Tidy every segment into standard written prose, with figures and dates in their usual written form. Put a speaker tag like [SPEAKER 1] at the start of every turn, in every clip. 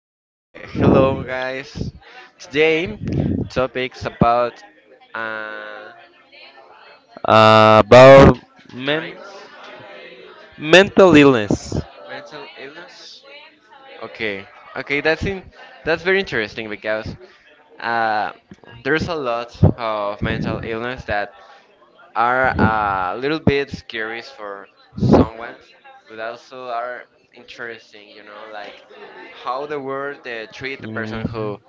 [SPEAKER 1] Hello guys. Today, topics about uh,
[SPEAKER 2] About men,
[SPEAKER 1] crimes,
[SPEAKER 2] mental illness.
[SPEAKER 1] mental illness. Okay, okay, that's very interesting because uh, there's a lot of mental illness that are a little bit scary for someone, but also are interesting. You know, like how the world treat the person
[SPEAKER 2] Mm.
[SPEAKER 1] who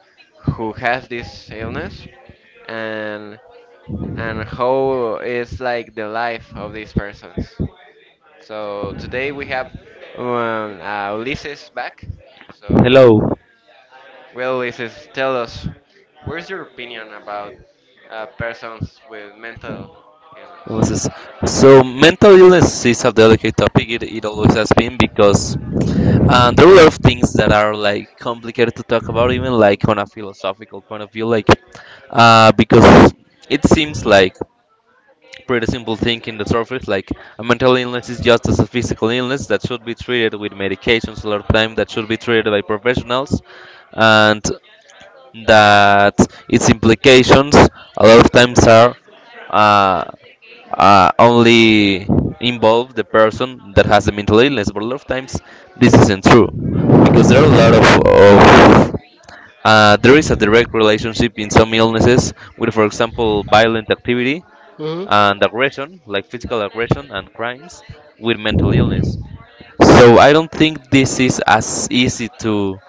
[SPEAKER 1] who has this illness, and and how is like the life of these persons. So today we have Ulysses back. So,
[SPEAKER 2] Hello.
[SPEAKER 1] well, Ulysses, tell us, where's your opinion about persons with mental illness?
[SPEAKER 2] Illnesses. So mental illness is a delicate topic. It always has been because. And there are a lot of things that are like complicated to talk about, even like on a philosophical point of view, like because it seems like pretty simple thing in the surface. Like a mental illness is just as a physical illness that should be treated with medications a lot of time that should be treated by professionals, and that its implications a lot of times are. Uh, Only involve the person that has a mental illness. But a lot of times, this isn't true because there are a lot of there is a direct relationship in some illnesses with, for example, violent activity
[SPEAKER 1] Hmm.
[SPEAKER 2] and aggression, like physical aggression and crimes, with mental illness. So I don't think this is as easy to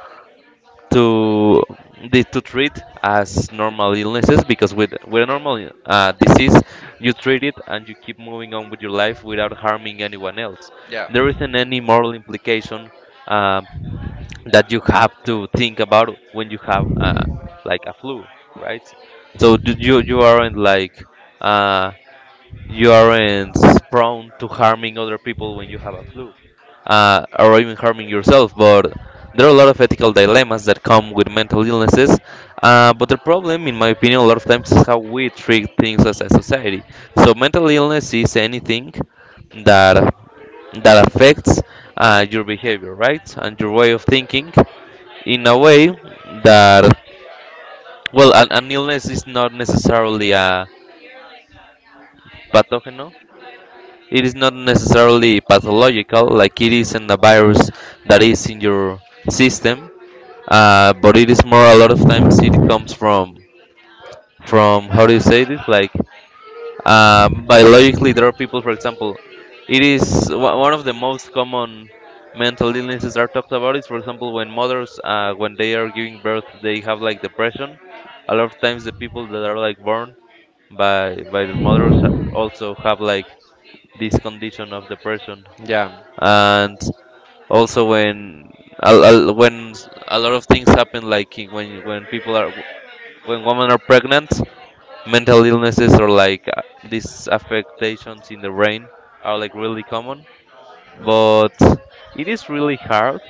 [SPEAKER 2] to to treat as normal illnesses because with a normal disease you treat it and you keep moving on with your life without harming anyone else.
[SPEAKER 1] Yeah.
[SPEAKER 2] There isn't any moral implication um that you have to think about when you have like a flu, right? So you aren't like uh, you aren't prone to harming other people when you have a flu or even harming yourself. But there are a lot of ethical dilemmas that come with mental illnesses. But the problem, in my opinion, a lot of times is how we treat things as a society. So mental illness is anything that that affects your behavior, right, and your way of thinking in a way that well, an illness is not necessarily a pathogen. It is not necessarily pathological, like it isn't a virus that is in your system but it is more a lot of times it comes from how do you say this like biologically there are people for example it is one of the most common mental illnesses are talked about is for example when mothers when they are giving birth they have like depression a lot of times the people that are like born by their mothers also have like this condition of depression
[SPEAKER 1] Yeah.
[SPEAKER 2] and also when when a lot of things happen like when people are when women are pregnant, mental illnesses or like these affectations in the brain are like really common. But it is really hard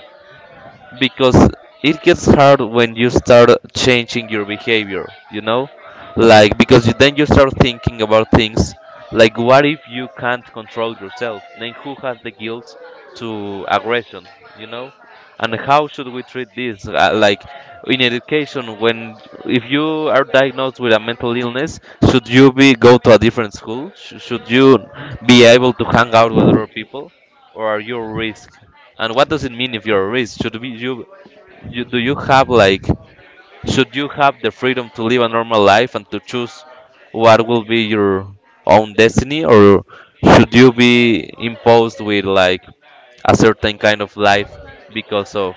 [SPEAKER 2] because it gets hard when you start changing your behavior you know like because you, then you start thinking about things like what if you can't control yourself then who has the guilt to aggression you know and how should we treat this like in education when if you are diagnosed with a mental illness should you be go to a different school should you be able to hang out with other people or are you at risk and what does it mean if you're rich? Should we, you do you have like should you have the freedom to live a normal life and to choose what will be your own destiny, or should you be imposed with like a certain kind of life because of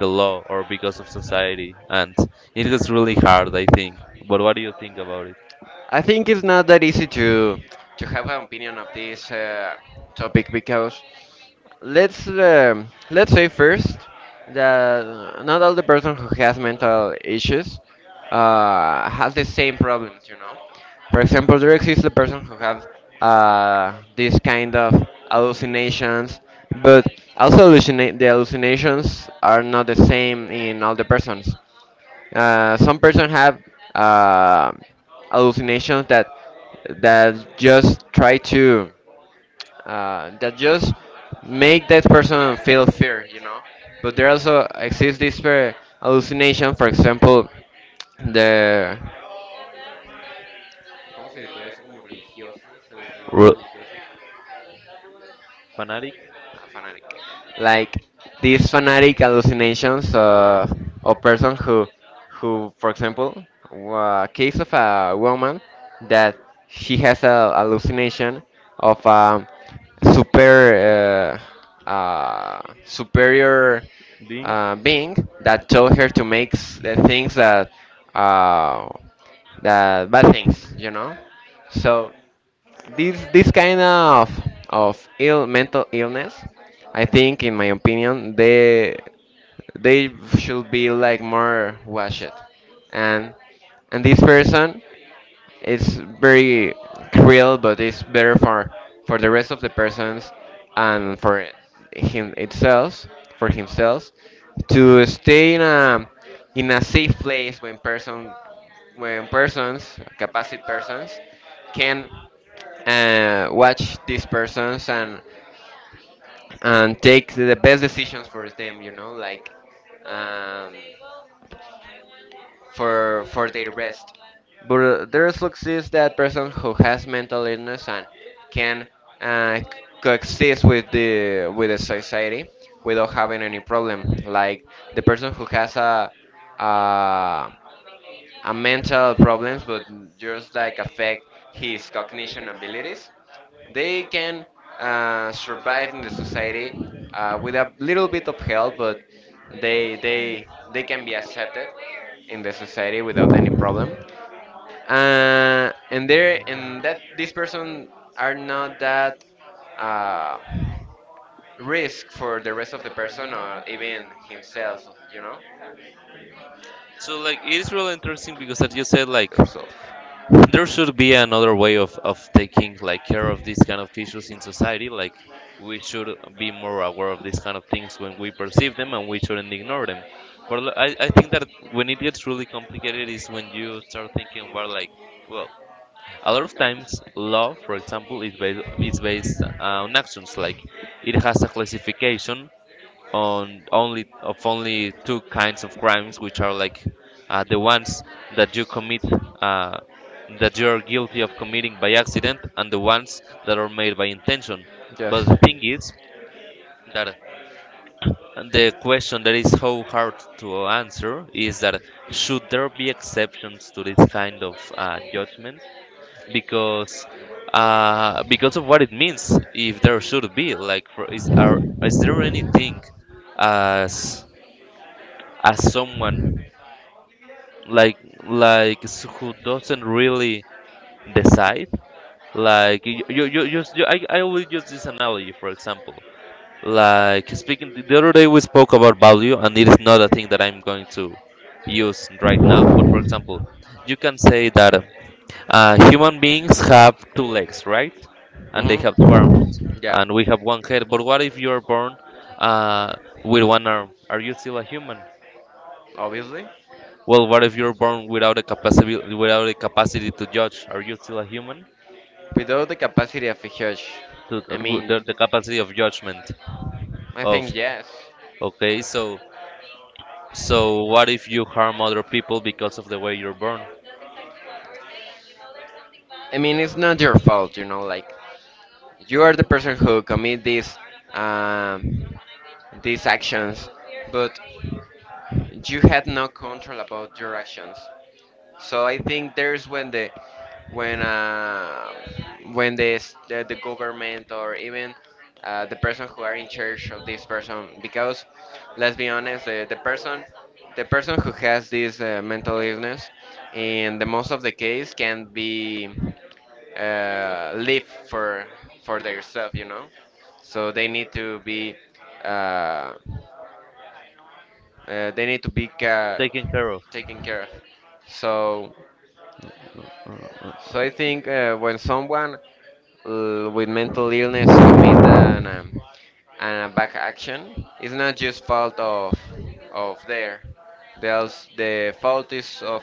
[SPEAKER 2] the law or because of society? And it is really hard, I think. But what do you think about it?
[SPEAKER 1] I think it's not that easy to have an opinion of this topic because let's say first that not all the person who has mental issues has the same problems. You know, for example, there exists the person who have these kind of hallucinations, but also the hallucinations are not the same in all the persons. Some person have uh, hallucinations that just try to that just make that person feel fear, you know. But there also exists this hallucination, for example, the ¿Cómo se le puede decir? Como religiosa, se le puede
[SPEAKER 2] Ru-
[SPEAKER 1] decir religiosa.
[SPEAKER 2] Fanatic
[SPEAKER 1] A fanatic. Like these fanatic hallucinations of a person who for example a case of a woman that she has a hallucination of a super superior
[SPEAKER 2] being?
[SPEAKER 1] being that told her to make the things that uh, the bad things, you know. So this kind of ill mental illness, I think in my opinion they should be like more watched and and this person, it's very cruel, but it's better for the rest of the persons and for him itself, for himself, to stay in a safe place when persons, capacit persons, can watch these persons and take the best decisions for them. You know, like. Um, for their rest. But there also exists that person who has mental illness and can uh, coexist with the society without having any problem, like the person who has uh, a mental problems, but just like affect his cognition abilities. They can survive in the society with a little bit of help, but they they they can be accepted in the society without any problem. And there and that this person are not that uh, risk for the rest of the person or even himself, you know,
[SPEAKER 2] So like it is really interesting because as you said like
[SPEAKER 1] theirself.
[SPEAKER 2] there should be another way of taking like care of these kind of issues in society like we should be more aware of these kind of things when we perceive them and we shouldn't ignore them but I think that when it gets really complicated is when you start thinking about like well a lot of times law for example is based on actions like it has a classification on only of only two kinds of crimes, which are like the ones that you commit uh, that you are guilty of committing by accident, and the ones that are made by intention. But
[SPEAKER 1] Yes.
[SPEAKER 2] the thing is that the question that is so hard to answer is that should there be exceptions to this kind of judgment because because of what it means if there should be like is there anything as as someone like who doesn't really decide like you just I always use this analogy for example like speaking the other day we spoke about value and it is not a thing that I'm going to use right now but for example you can say that human beings have two legs right and they have two arms
[SPEAKER 1] Hmm. Yeah,
[SPEAKER 2] and we have one head but what if you're born uh, with one arm are you still a human?
[SPEAKER 1] obviously.
[SPEAKER 2] Well, what if you're born without a capacity without a capacity to judge? Are you still a human?
[SPEAKER 1] Without the capacity of a judge, I mean,
[SPEAKER 2] The capacity of judgment
[SPEAKER 1] I
[SPEAKER 2] of
[SPEAKER 1] think yes.
[SPEAKER 2] okay, so so what if you harm other people because of the way you're born?
[SPEAKER 1] I mean, it's not your fault, you know. Like, you are the person who commit um, these actions, but you had no control about your actions. So I think there's when the when uh, when the government or even the person who are in charge of this person because let's be honest, the person who has this mental illness in the most of the case can be live for themselves, you know. So they need to be uh, they need to be
[SPEAKER 2] Taken care of.
[SPEAKER 1] taken care of. So
[SPEAKER 2] Uh, uh,
[SPEAKER 1] so
[SPEAKER 2] uh.
[SPEAKER 1] I think when someone with mental illness commit an a back action, it's not just fault of there. There's the fault is of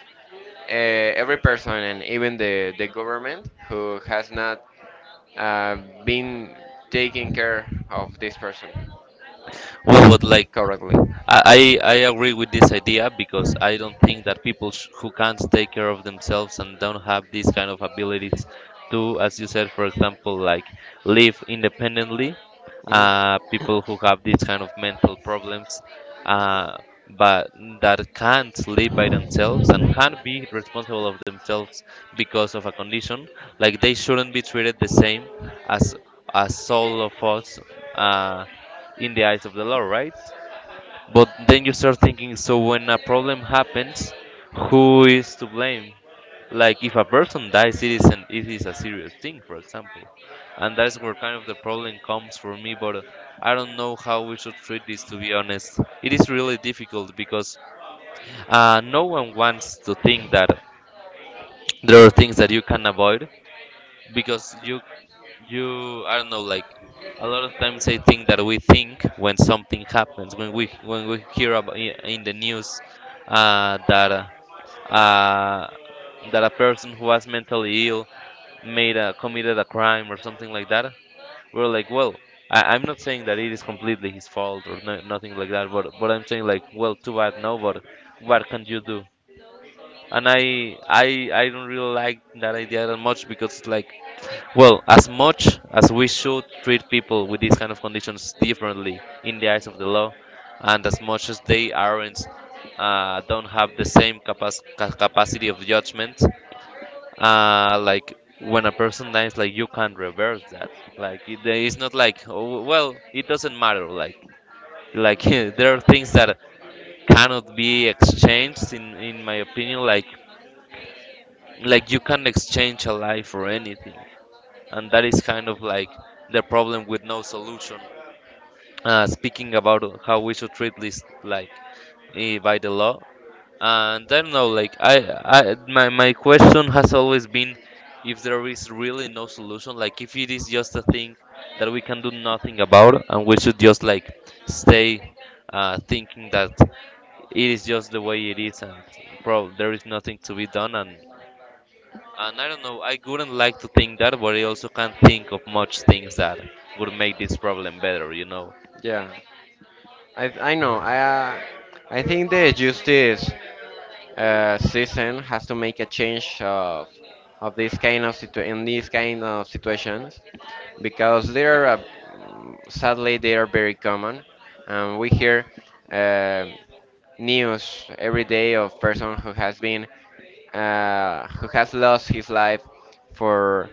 [SPEAKER 1] every person and even the government who has not uh, been taking care of this person
[SPEAKER 2] Well, but like
[SPEAKER 1] correctly.
[SPEAKER 2] I agree with this idea because I don't think that people who can't take care of themselves and don't have these kind of abilities to, as you said, for example, like live independently,
[SPEAKER 1] Mhm.
[SPEAKER 2] people who have these kind of mental problems, uh, but that can't live by themselves and can't be responsible of themselves because of a condition, like they shouldn't be treated the same as as all of us uh, in the eyes of the law, right? But then you start thinking, so when a problem happens, who is to blame? Like if a person dies, it is an, it is a serious thing, for example, and that's where kind of the problem comes for me. But I don't know how we should treat this. To be honest, it is really difficult because no one wants to think that there are things that you can avoid because you I don't know like a lot of times I think that we think when something happens when we hear about in the news that uh, that a person who was mentally ill made a committed a crime or something like that we're like well I, I'm not saying that it is completely his fault or no, nothing like that but I'm saying like well too bad no but what can you do and I don't really like that idea that much because it's like well, as much as we should treat people with these kind of conditions differently in the eyes of the law, and as much as they aren't don't have the same capacity of judgment, like when a person dies, like you can not reverse that. Like it, there is not like oh, well, it doesn't matter. Like there are things that cannot be exchanged in my opinion. Like you can not exchange a life for anything and that is kind of like the problem with no solution. Speaking about how we should treat this, like by the law, and I don't know, like I, my question has always been if there is really no solution, like if it is just a thing that we can do nothing about, and we should just like stay thinking that it is just the way it is, and bro, there is nothing to be done, and I don't know, I wouldn't like to think that, but I also can't think of much things that would make this problem better, you know.
[SPEAKER 1] Yeah. I know. I think the justice season has to make a change of this kind of situ in these kind of situations because they are sadly they are very common. We hear uh, news every day of person who has been who has lost his life for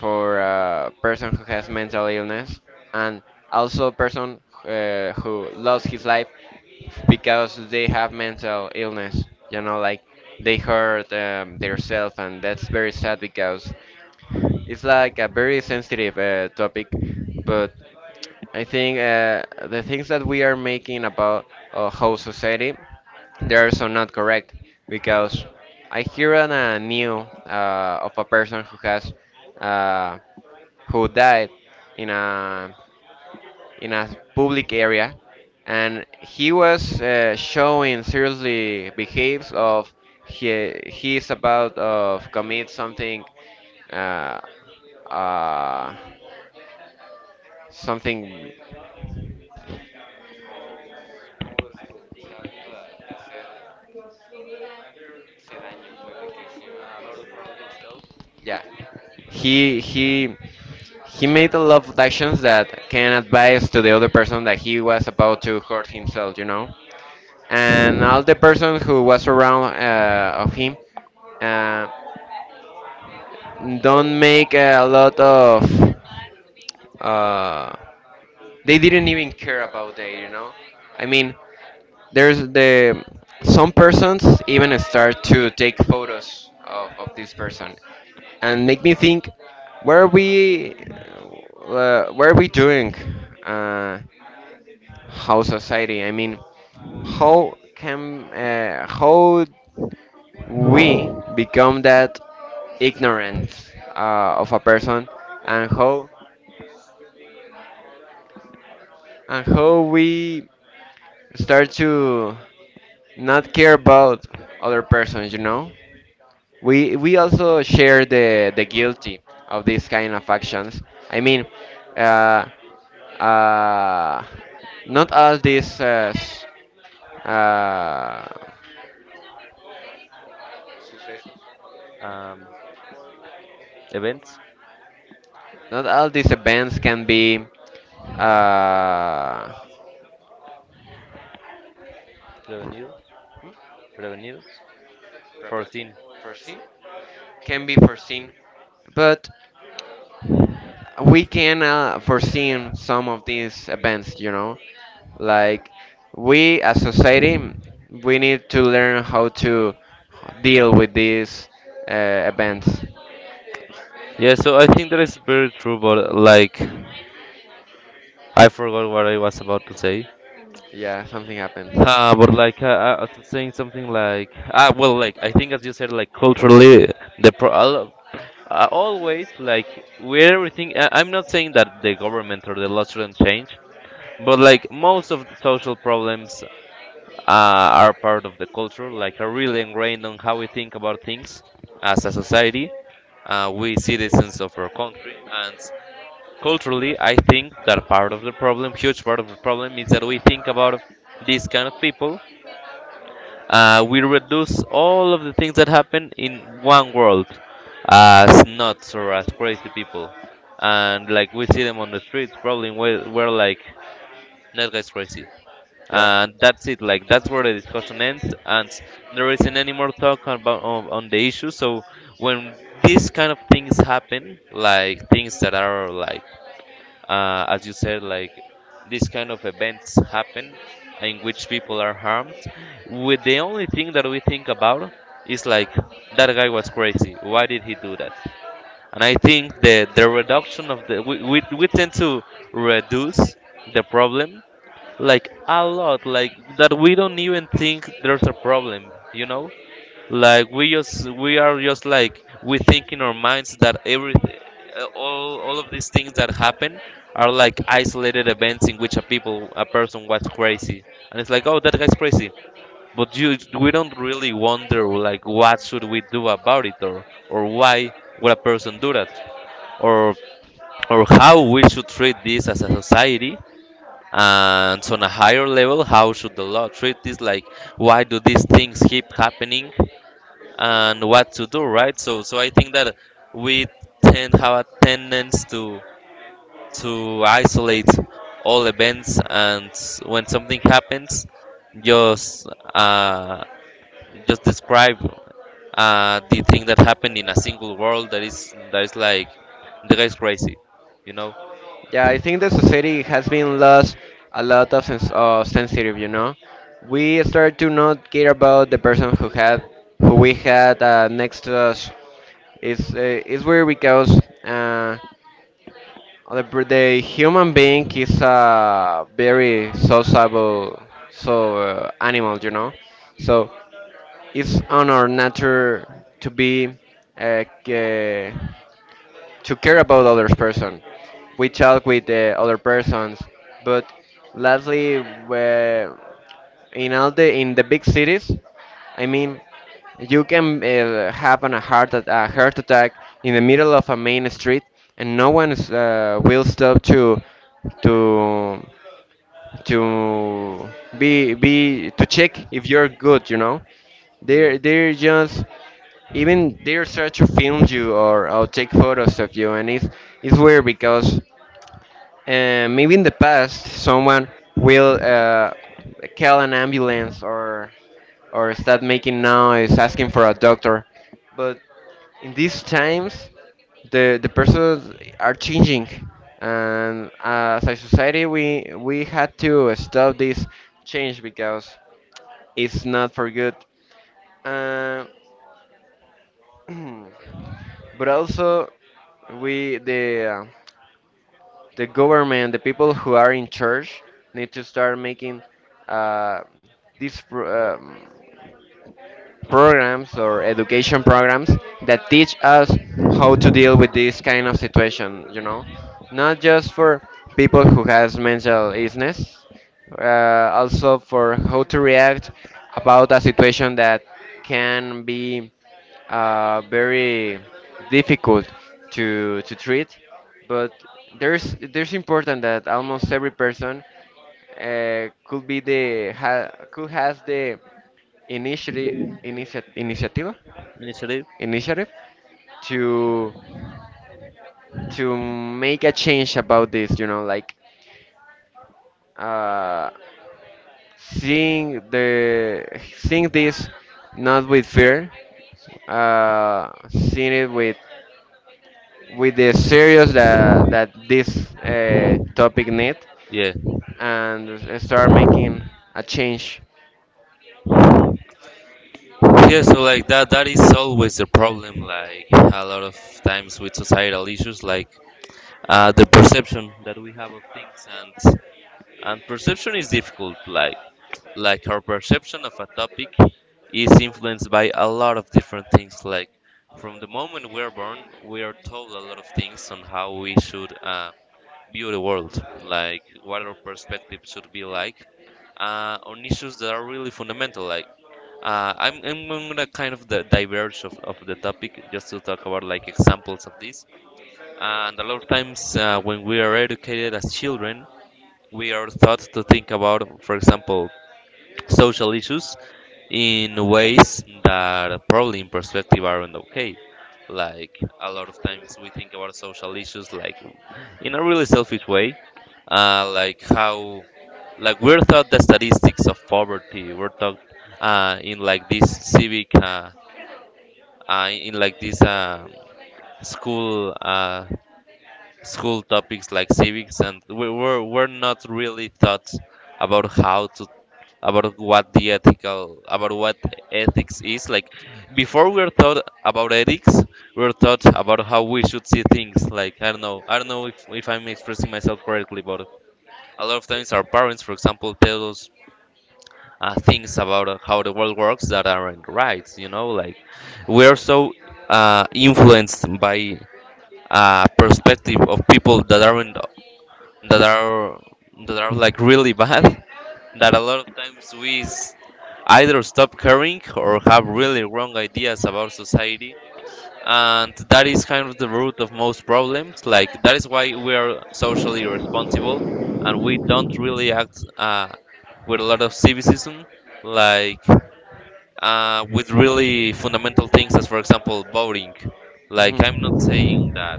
[SPEAKER 1] for a person who has mental illness, and also person who lost his life because they have mental illness. You know, like, they hurt themselves, and that's very sad because it's like a very sensitive topic. But I think the things that we are making about whole society, they are so not correct because I hear on a new of a person who has uh, who died in a in a public area, and he was showing seriously behaves of he is about of commit something, uh, uh, something, yeah, he he made a lot of actions that can advise to the other person that he was about to hurt himself, you know. And all the person who was around of him uh. Don't make a lot of uh, they didn't even care about that, you know. I mean, there's the some persons even start to take photos of this person and make me think, what are we what are we doing? uh, how society, I mean, how can how we become that ignorant of a person, and how and how we start to not care about other persons, you know? We also share the guilty of these kind of actions. I mean, uh, uh, not all these uh,
[SPEAKER 2] Um, events,
[SPEAKER 1] not all these events can be uh,
[SPEAKER 2] revenues, revenues, 14.
[SPEAKER 1] foreseen, can be foreseen. But we can foresee some of these events, you know, like we as society, we need to learn how to deal with these events.
[SPEAKER 2] Yeah, so I think that is very true, but like, I forgot what I was about to say.
[SPEAKER 1] Yeah, something happens.
[SPEAKER 2] But like, I was saying something like, ah, well, like, I think as you said, like, culturally, the always, like, where everything, I'm not saying that the government or the law shouldn't change, but like most of the social problems are part of the culture, like are really ingrained on how we think about things as a society. We citizens of our country, and culturally, I think that part of the problem, huge part of the problem, is that we think about these kind of people. We reduce all of the things that happen in one world as nuts or as crazy people, and like we see them on the streets, probably we're like that guy's crazy,
[SPEAKER 1] Yeah.
[SPEAKER 2] and that's it, like that's where the discussion ends, and there isn't any more talk about on the issue. So when these kind of things happen, like things that are like as you said, like these kind of events happen in which people are harmed, with the only thing that we think about is like that guy was crazy, why did he do that? And I think the reduction of the we tend to reduce the problem like a lot, like that we don't even think there's a problem, like we just we are just like, we think in our minds that every all of these things that happen are like isolated events in which a person was crazy, and it's like oh that guy's crazy, but you we don't really wonder like what should we do about it, or why would a person do that, or or how we should treat this as a society. And on a higher level, how should the law treat this? Like, why do these things keep happening, and what to do, right? So I think that we tend have a tendency to isolate all events, and when something happens, just uh, just describe the thing that happened in a single world, that is like the guy's crazy, you know?
[SPEAKER 1] Yeah, I think the society has been lost a lot of of sensitive, you know. We start to not care about the person who had, who we had next to us. It's weird because uh, the human being is a very sociable, so animal, you know. So it's on our nature to be uh, ca- to care about other person. We talk with the other persons, but lastly, where in all the in the big cities, I mean, you can have a a heart attack in the middle of a main street, and no one is, will stop to to to be to check if you're good, you know.
[SPEAKER 2] Yeah.
[SPEAKER 1] They're just even they're trying to film you or take photos of you. And it's weird because, and maybe in the past, someone will call an ambulance or start making noise, asking for a doctor. But in these times, the persons are changing, and as a society, we had to stop this change because it's not for good. Uh, but also, we the government, the people who are in charge, need to start making uh, these pro- um, programs or education programs that teach us how to deal with this kind of situation. You know, not just for people who has mental illness, also for how to react about a situation that can be very difficult to treat. But there's important that almost every person could be the ha, could has the initiative initiative initiativa
[SPEAKER 2] Initiative.
[SPEAKER 1] initiative to to make a change about this. You know, like. Uh, Seeing the Seeing this not with fear, seeing it with the serious that that this topic need,
[SPEAKER 2] Yeah.
[SPEAKER 1] and start making a change.
[SPEAKER 2] Yeah, so like that is always the problem, like a lot of times with societal issues, like the perception that we have of things, and perception is difficult, like our perception of a topic is influenced by a lot of different things, like from the moment we're born, we are told a lot of things on how we should view the world, like what our perspective should be like on issues that are really fundamental, like I'm gonna kind of the diverge of the topic, just to talk about like examples of this. And a lot of times when we are educated as children, we are taught to think about, for example, social issues in ways that probably in perspective aren't okay. Like a lot of times we think about social issues like in a really selfish way, like how, like we're taught the statistics of poverty, we're taught uh, in like this civic uh, in like these school uh, school topics like civics, and we're not really taught about how to, about what the ethical about what ethics is like. Before we were taught about ethics, we were taught about how we should see things. Like, I don't know, I don't know if I'm expressing myself correctly, but a lot of times our parents for example tell us things about how the world works that aren't right, you know, like we're so influenced by perspective of people that aren't that are that are like really bad that a lot of times either stop caring or have really wrong ideas about society. And that is kind of the root of most problems, like that is why we are socially responsible and we don't really act with a lot of civicism, like with really fundamental things as for example voting. Like
[SPEAKER 1] Mhm.
[SPEAKER 2] I'm not saying that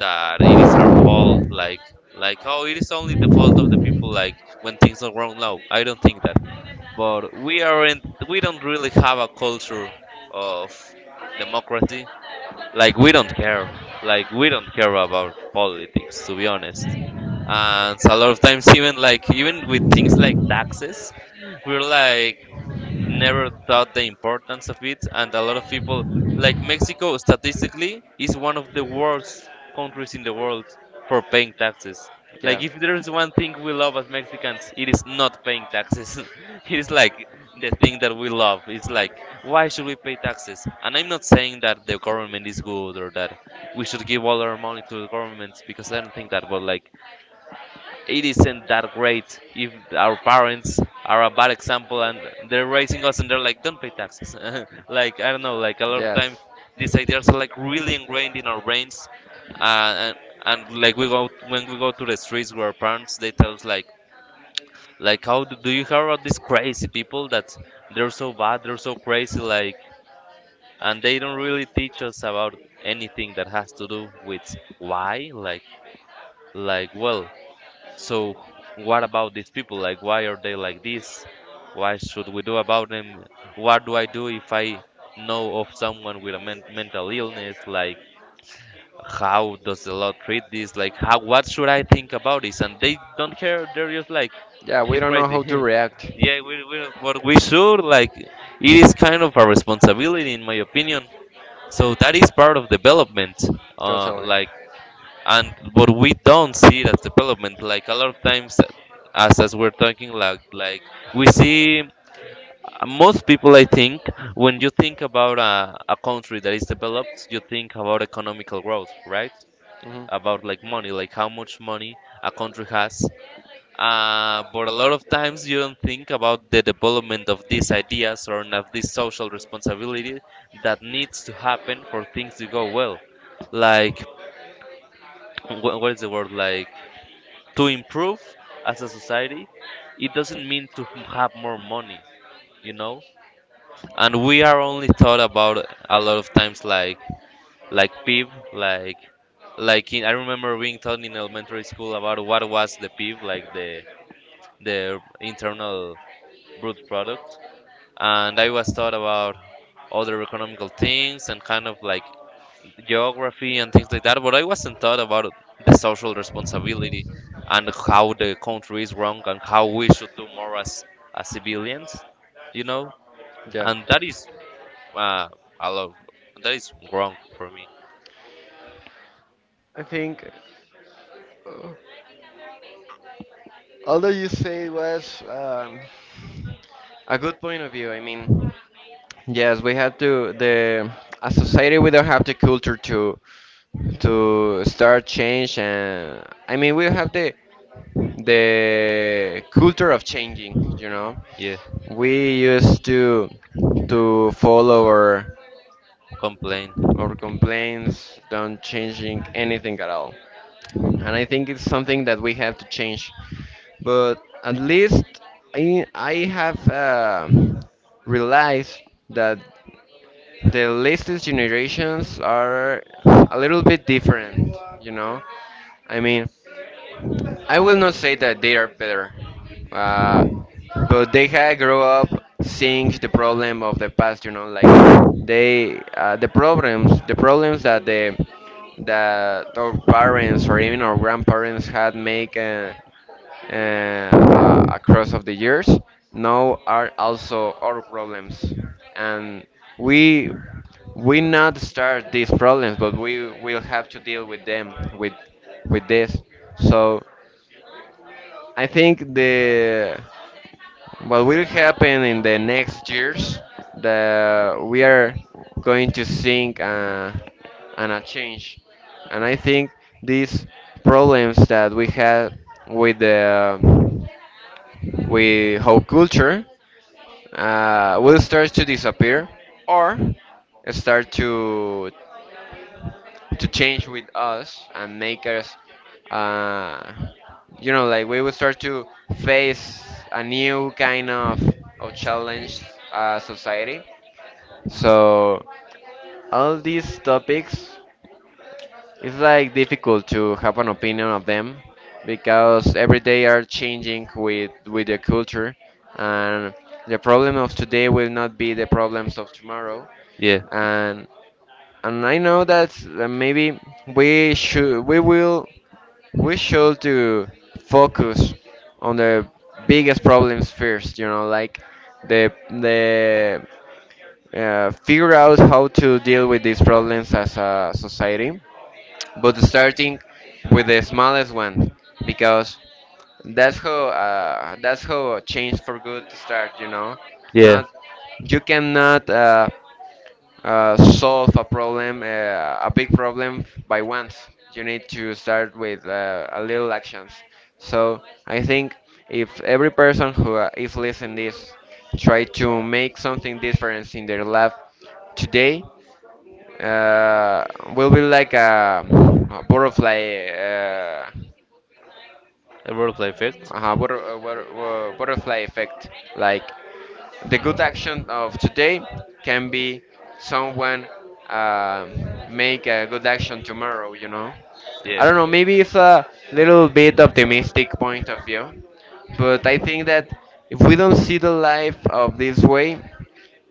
[SPEAKER 2] it is our fault, like oh it is only the fault of the people, like when things are wrong, no I don't think that, but we don't really have a culture of democracy. Like we don't care, like we don't care about politics, to be honest. And a lot of times, even like even with things like taxes, we're like never thought the importance of it, and a lot of people, like Mexico statistically is one of the worst countries in the world for paying taxes. Like
[SPEAKER 1] Yeah.
[SPEAKER 2] if there is one thing we love as Mexicans, it is not paying taxes. It is like the thing that we love, it's like why should we pay taxes? And I'm not saying that the government is good or that we should give all our money to the governments because I don't think that, but like it isn't that great if our parents are a bad example and they're raising us and they're like don't pay taxes. Like I don't know, like a lot of times these ideas are like really ingrained in our brains, uh, and, and like we go when we go to the streets where our parents they tell us like do you hear about these crazy people that they're so bad, they're so crazy, like. And they don't really teach us about anything that has to do with why, like well, so what about these people? Like why are they like this? Why should we do about them? What do I do if I know of someone with a mental illness? Like how does the law treat this? Like how, what should I think about this? And they don't care, they're just like
[SPEAKER 1] Yeah, we
[SPEAKER 2] he's
[SPEAKER 1] don't know
[SPEAKER 2] crazy.
[SPEAKER 1] how to react. Yeah.
[SPEAKER 2] Yeah, we don't, but we should, like it is kind of a responsibility in my opinion. So that is part of development.
[SPEAKER 1] Totally.
[SPEAKER 2] Like and but we don't see that development, like a lot of times, as we're talking, like we see most people I think, when you think about a country that is developed, you think about economical growth, right? About like money, like how much money a country has. But a lot of times you don't think about the development of these ideas or of this social responsibility that needs to happen for things to go well. Like what is the word, like to improve as a society, it doesn't mean to have more money, you know. And we are only thought about a lot of times like PIB, like I remember being taught in elementary school about what was the PIB, like the internal brute product. And I was taught about other economical things and kind of like geography and things like that, but I wasn't taught about the social responsibility and how the country is wrong and how we should do more as civilians, you know?
[SPEAKER 1] Yeah.
[SPEAKER 2] And that is, uh, I love, that is wrong for me.
[SPEAKER 1] I think uh, all you say it was a good point of view. I mean, yes, we have to the as society we don't have the culture to start change, and I mean we have the culture of changing, you know.
[SPEAKER 2] Yeah,
[SPEAKER 1] We used to follow
[SPEAKER 2] complain.
[SPEAKER 1] our complaints, don't changing anything at all. And I think it's something that we have to change. But at least I have realized that the latest generations are a little bit different, you know? I mean, I will not say that they are better, uh, but they had grow up seeing the problem of the past, you know, like the problems that the that our parents or even our grandparents had make uh, across of the years now are also our problems. And we we not start these problems, but we will have to deal with them with this. So I think the what will happen in the next years, that we are going to think and a change. And I think these problems that we had with the with how culture will start to disappear or start to change with us and make us uh, you know, like we will start to face a new kind of challenge society. So all these topics, it's like difficult to have an opinion of them because every day are changing with the culture. And the problem of today will not be the problems of tomorrow.
[SPEAKER 2] Yeah,
[SPEAKER 1] and and I know that maybe we should we will we should to focus on the biggest problems first, you know, like the figure out how to deal with these problems as a society, but starting with the smallest one, because that's how change for good start, you know.
[SPEAKER 2] yeah.
[SPEAKER 1] Not you cannot solve a problem a big problem by once. You need to start with a little actions. So I think if every person who is listening this try to make something different in their life today, uh, will be like a butterfly,
[SPEAKER 2] A butterfly effect.
[SPEAKER 1] butterfly effect, like. The good action of today can be someone uh, make a good action tomorrow, you know?
[SPEAKER 2] Yeah.
[SPEAKER 1] I don't know, maybe it's a little bit optimistic point of view, but I think that if we don't see the life of this way,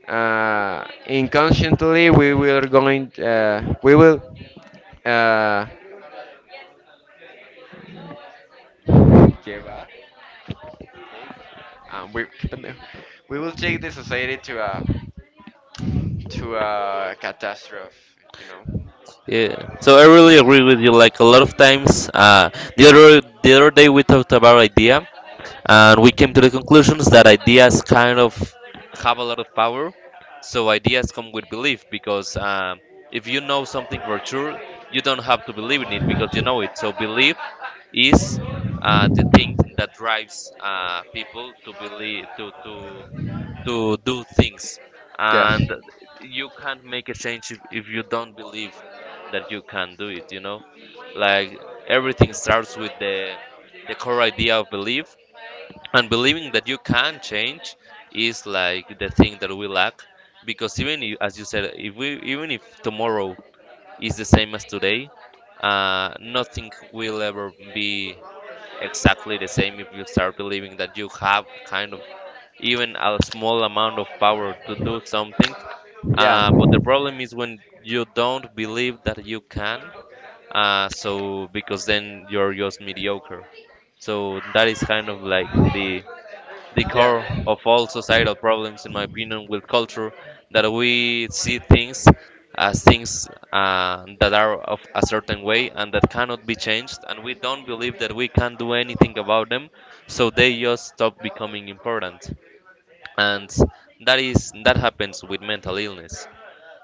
[SPEAKER 1] inconsciently we will uh, give we qué pendejo. We will take the society to a catastrophe, you know.
[SPEAKER 2] Yeah, so I really agree with you. Like a lot of times, the other, the other day we talked about idea, and we came to the conclusions that ideas kind of have a lot of power. So ideas come with belief, because if you know something for sure, you don't have to believe in it because you know it. So belief is the thing that drives people to believe to do things,
[SPEAKER 1] Yes.
[SPEAKER 2] and you can't make a change if you don't believe that you can do it, you know. Like everything starts with the core idea of belief, and believing that you can change is like the thing that we lack, because even if, as you said, if we, even if tomorrow is the same as today, nothing will ever be exactly the same if you start believing that you have kind of even a small amount of power to do something.
[SPEAKER 1] Yeah.
[SPEAKER 2] But the problem is when you don't believe that you can, because then you're just mediocre. So that is kind of like the
[SPEAKER 1] Yeah.
[SPEAKER 2] core of all societal problems, in my opinion, with culture, that we see things as things that are of a certain way and that cannot be changed, and we don't believe that we can do anything about them, so they just stop becoming important. And that happens with mental illness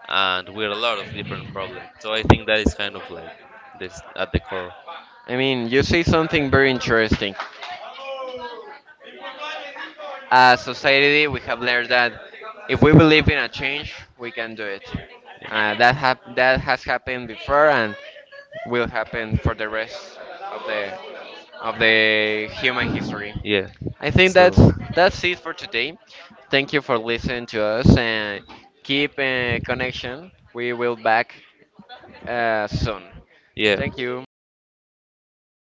[SPEAKER 2] and with a lot of different problems, so I think that is kind of like this at the core.
[SPEAKER 1] I mean, you say something very interesting. As society, we have learned that if we believe in a change, we can do it. That has happened before and will happen for the rest of the of the human history.
[SPEAKER 2] Yeah,
[SPEAKER 1] I think
[SPEAKER 2] so
[SPEAKER 1] that's it for today. Thank you for listening to us and keep in connection. We will back soon. Thank
[SPEAKER 2] yeah.
[SPEAKER 1] you.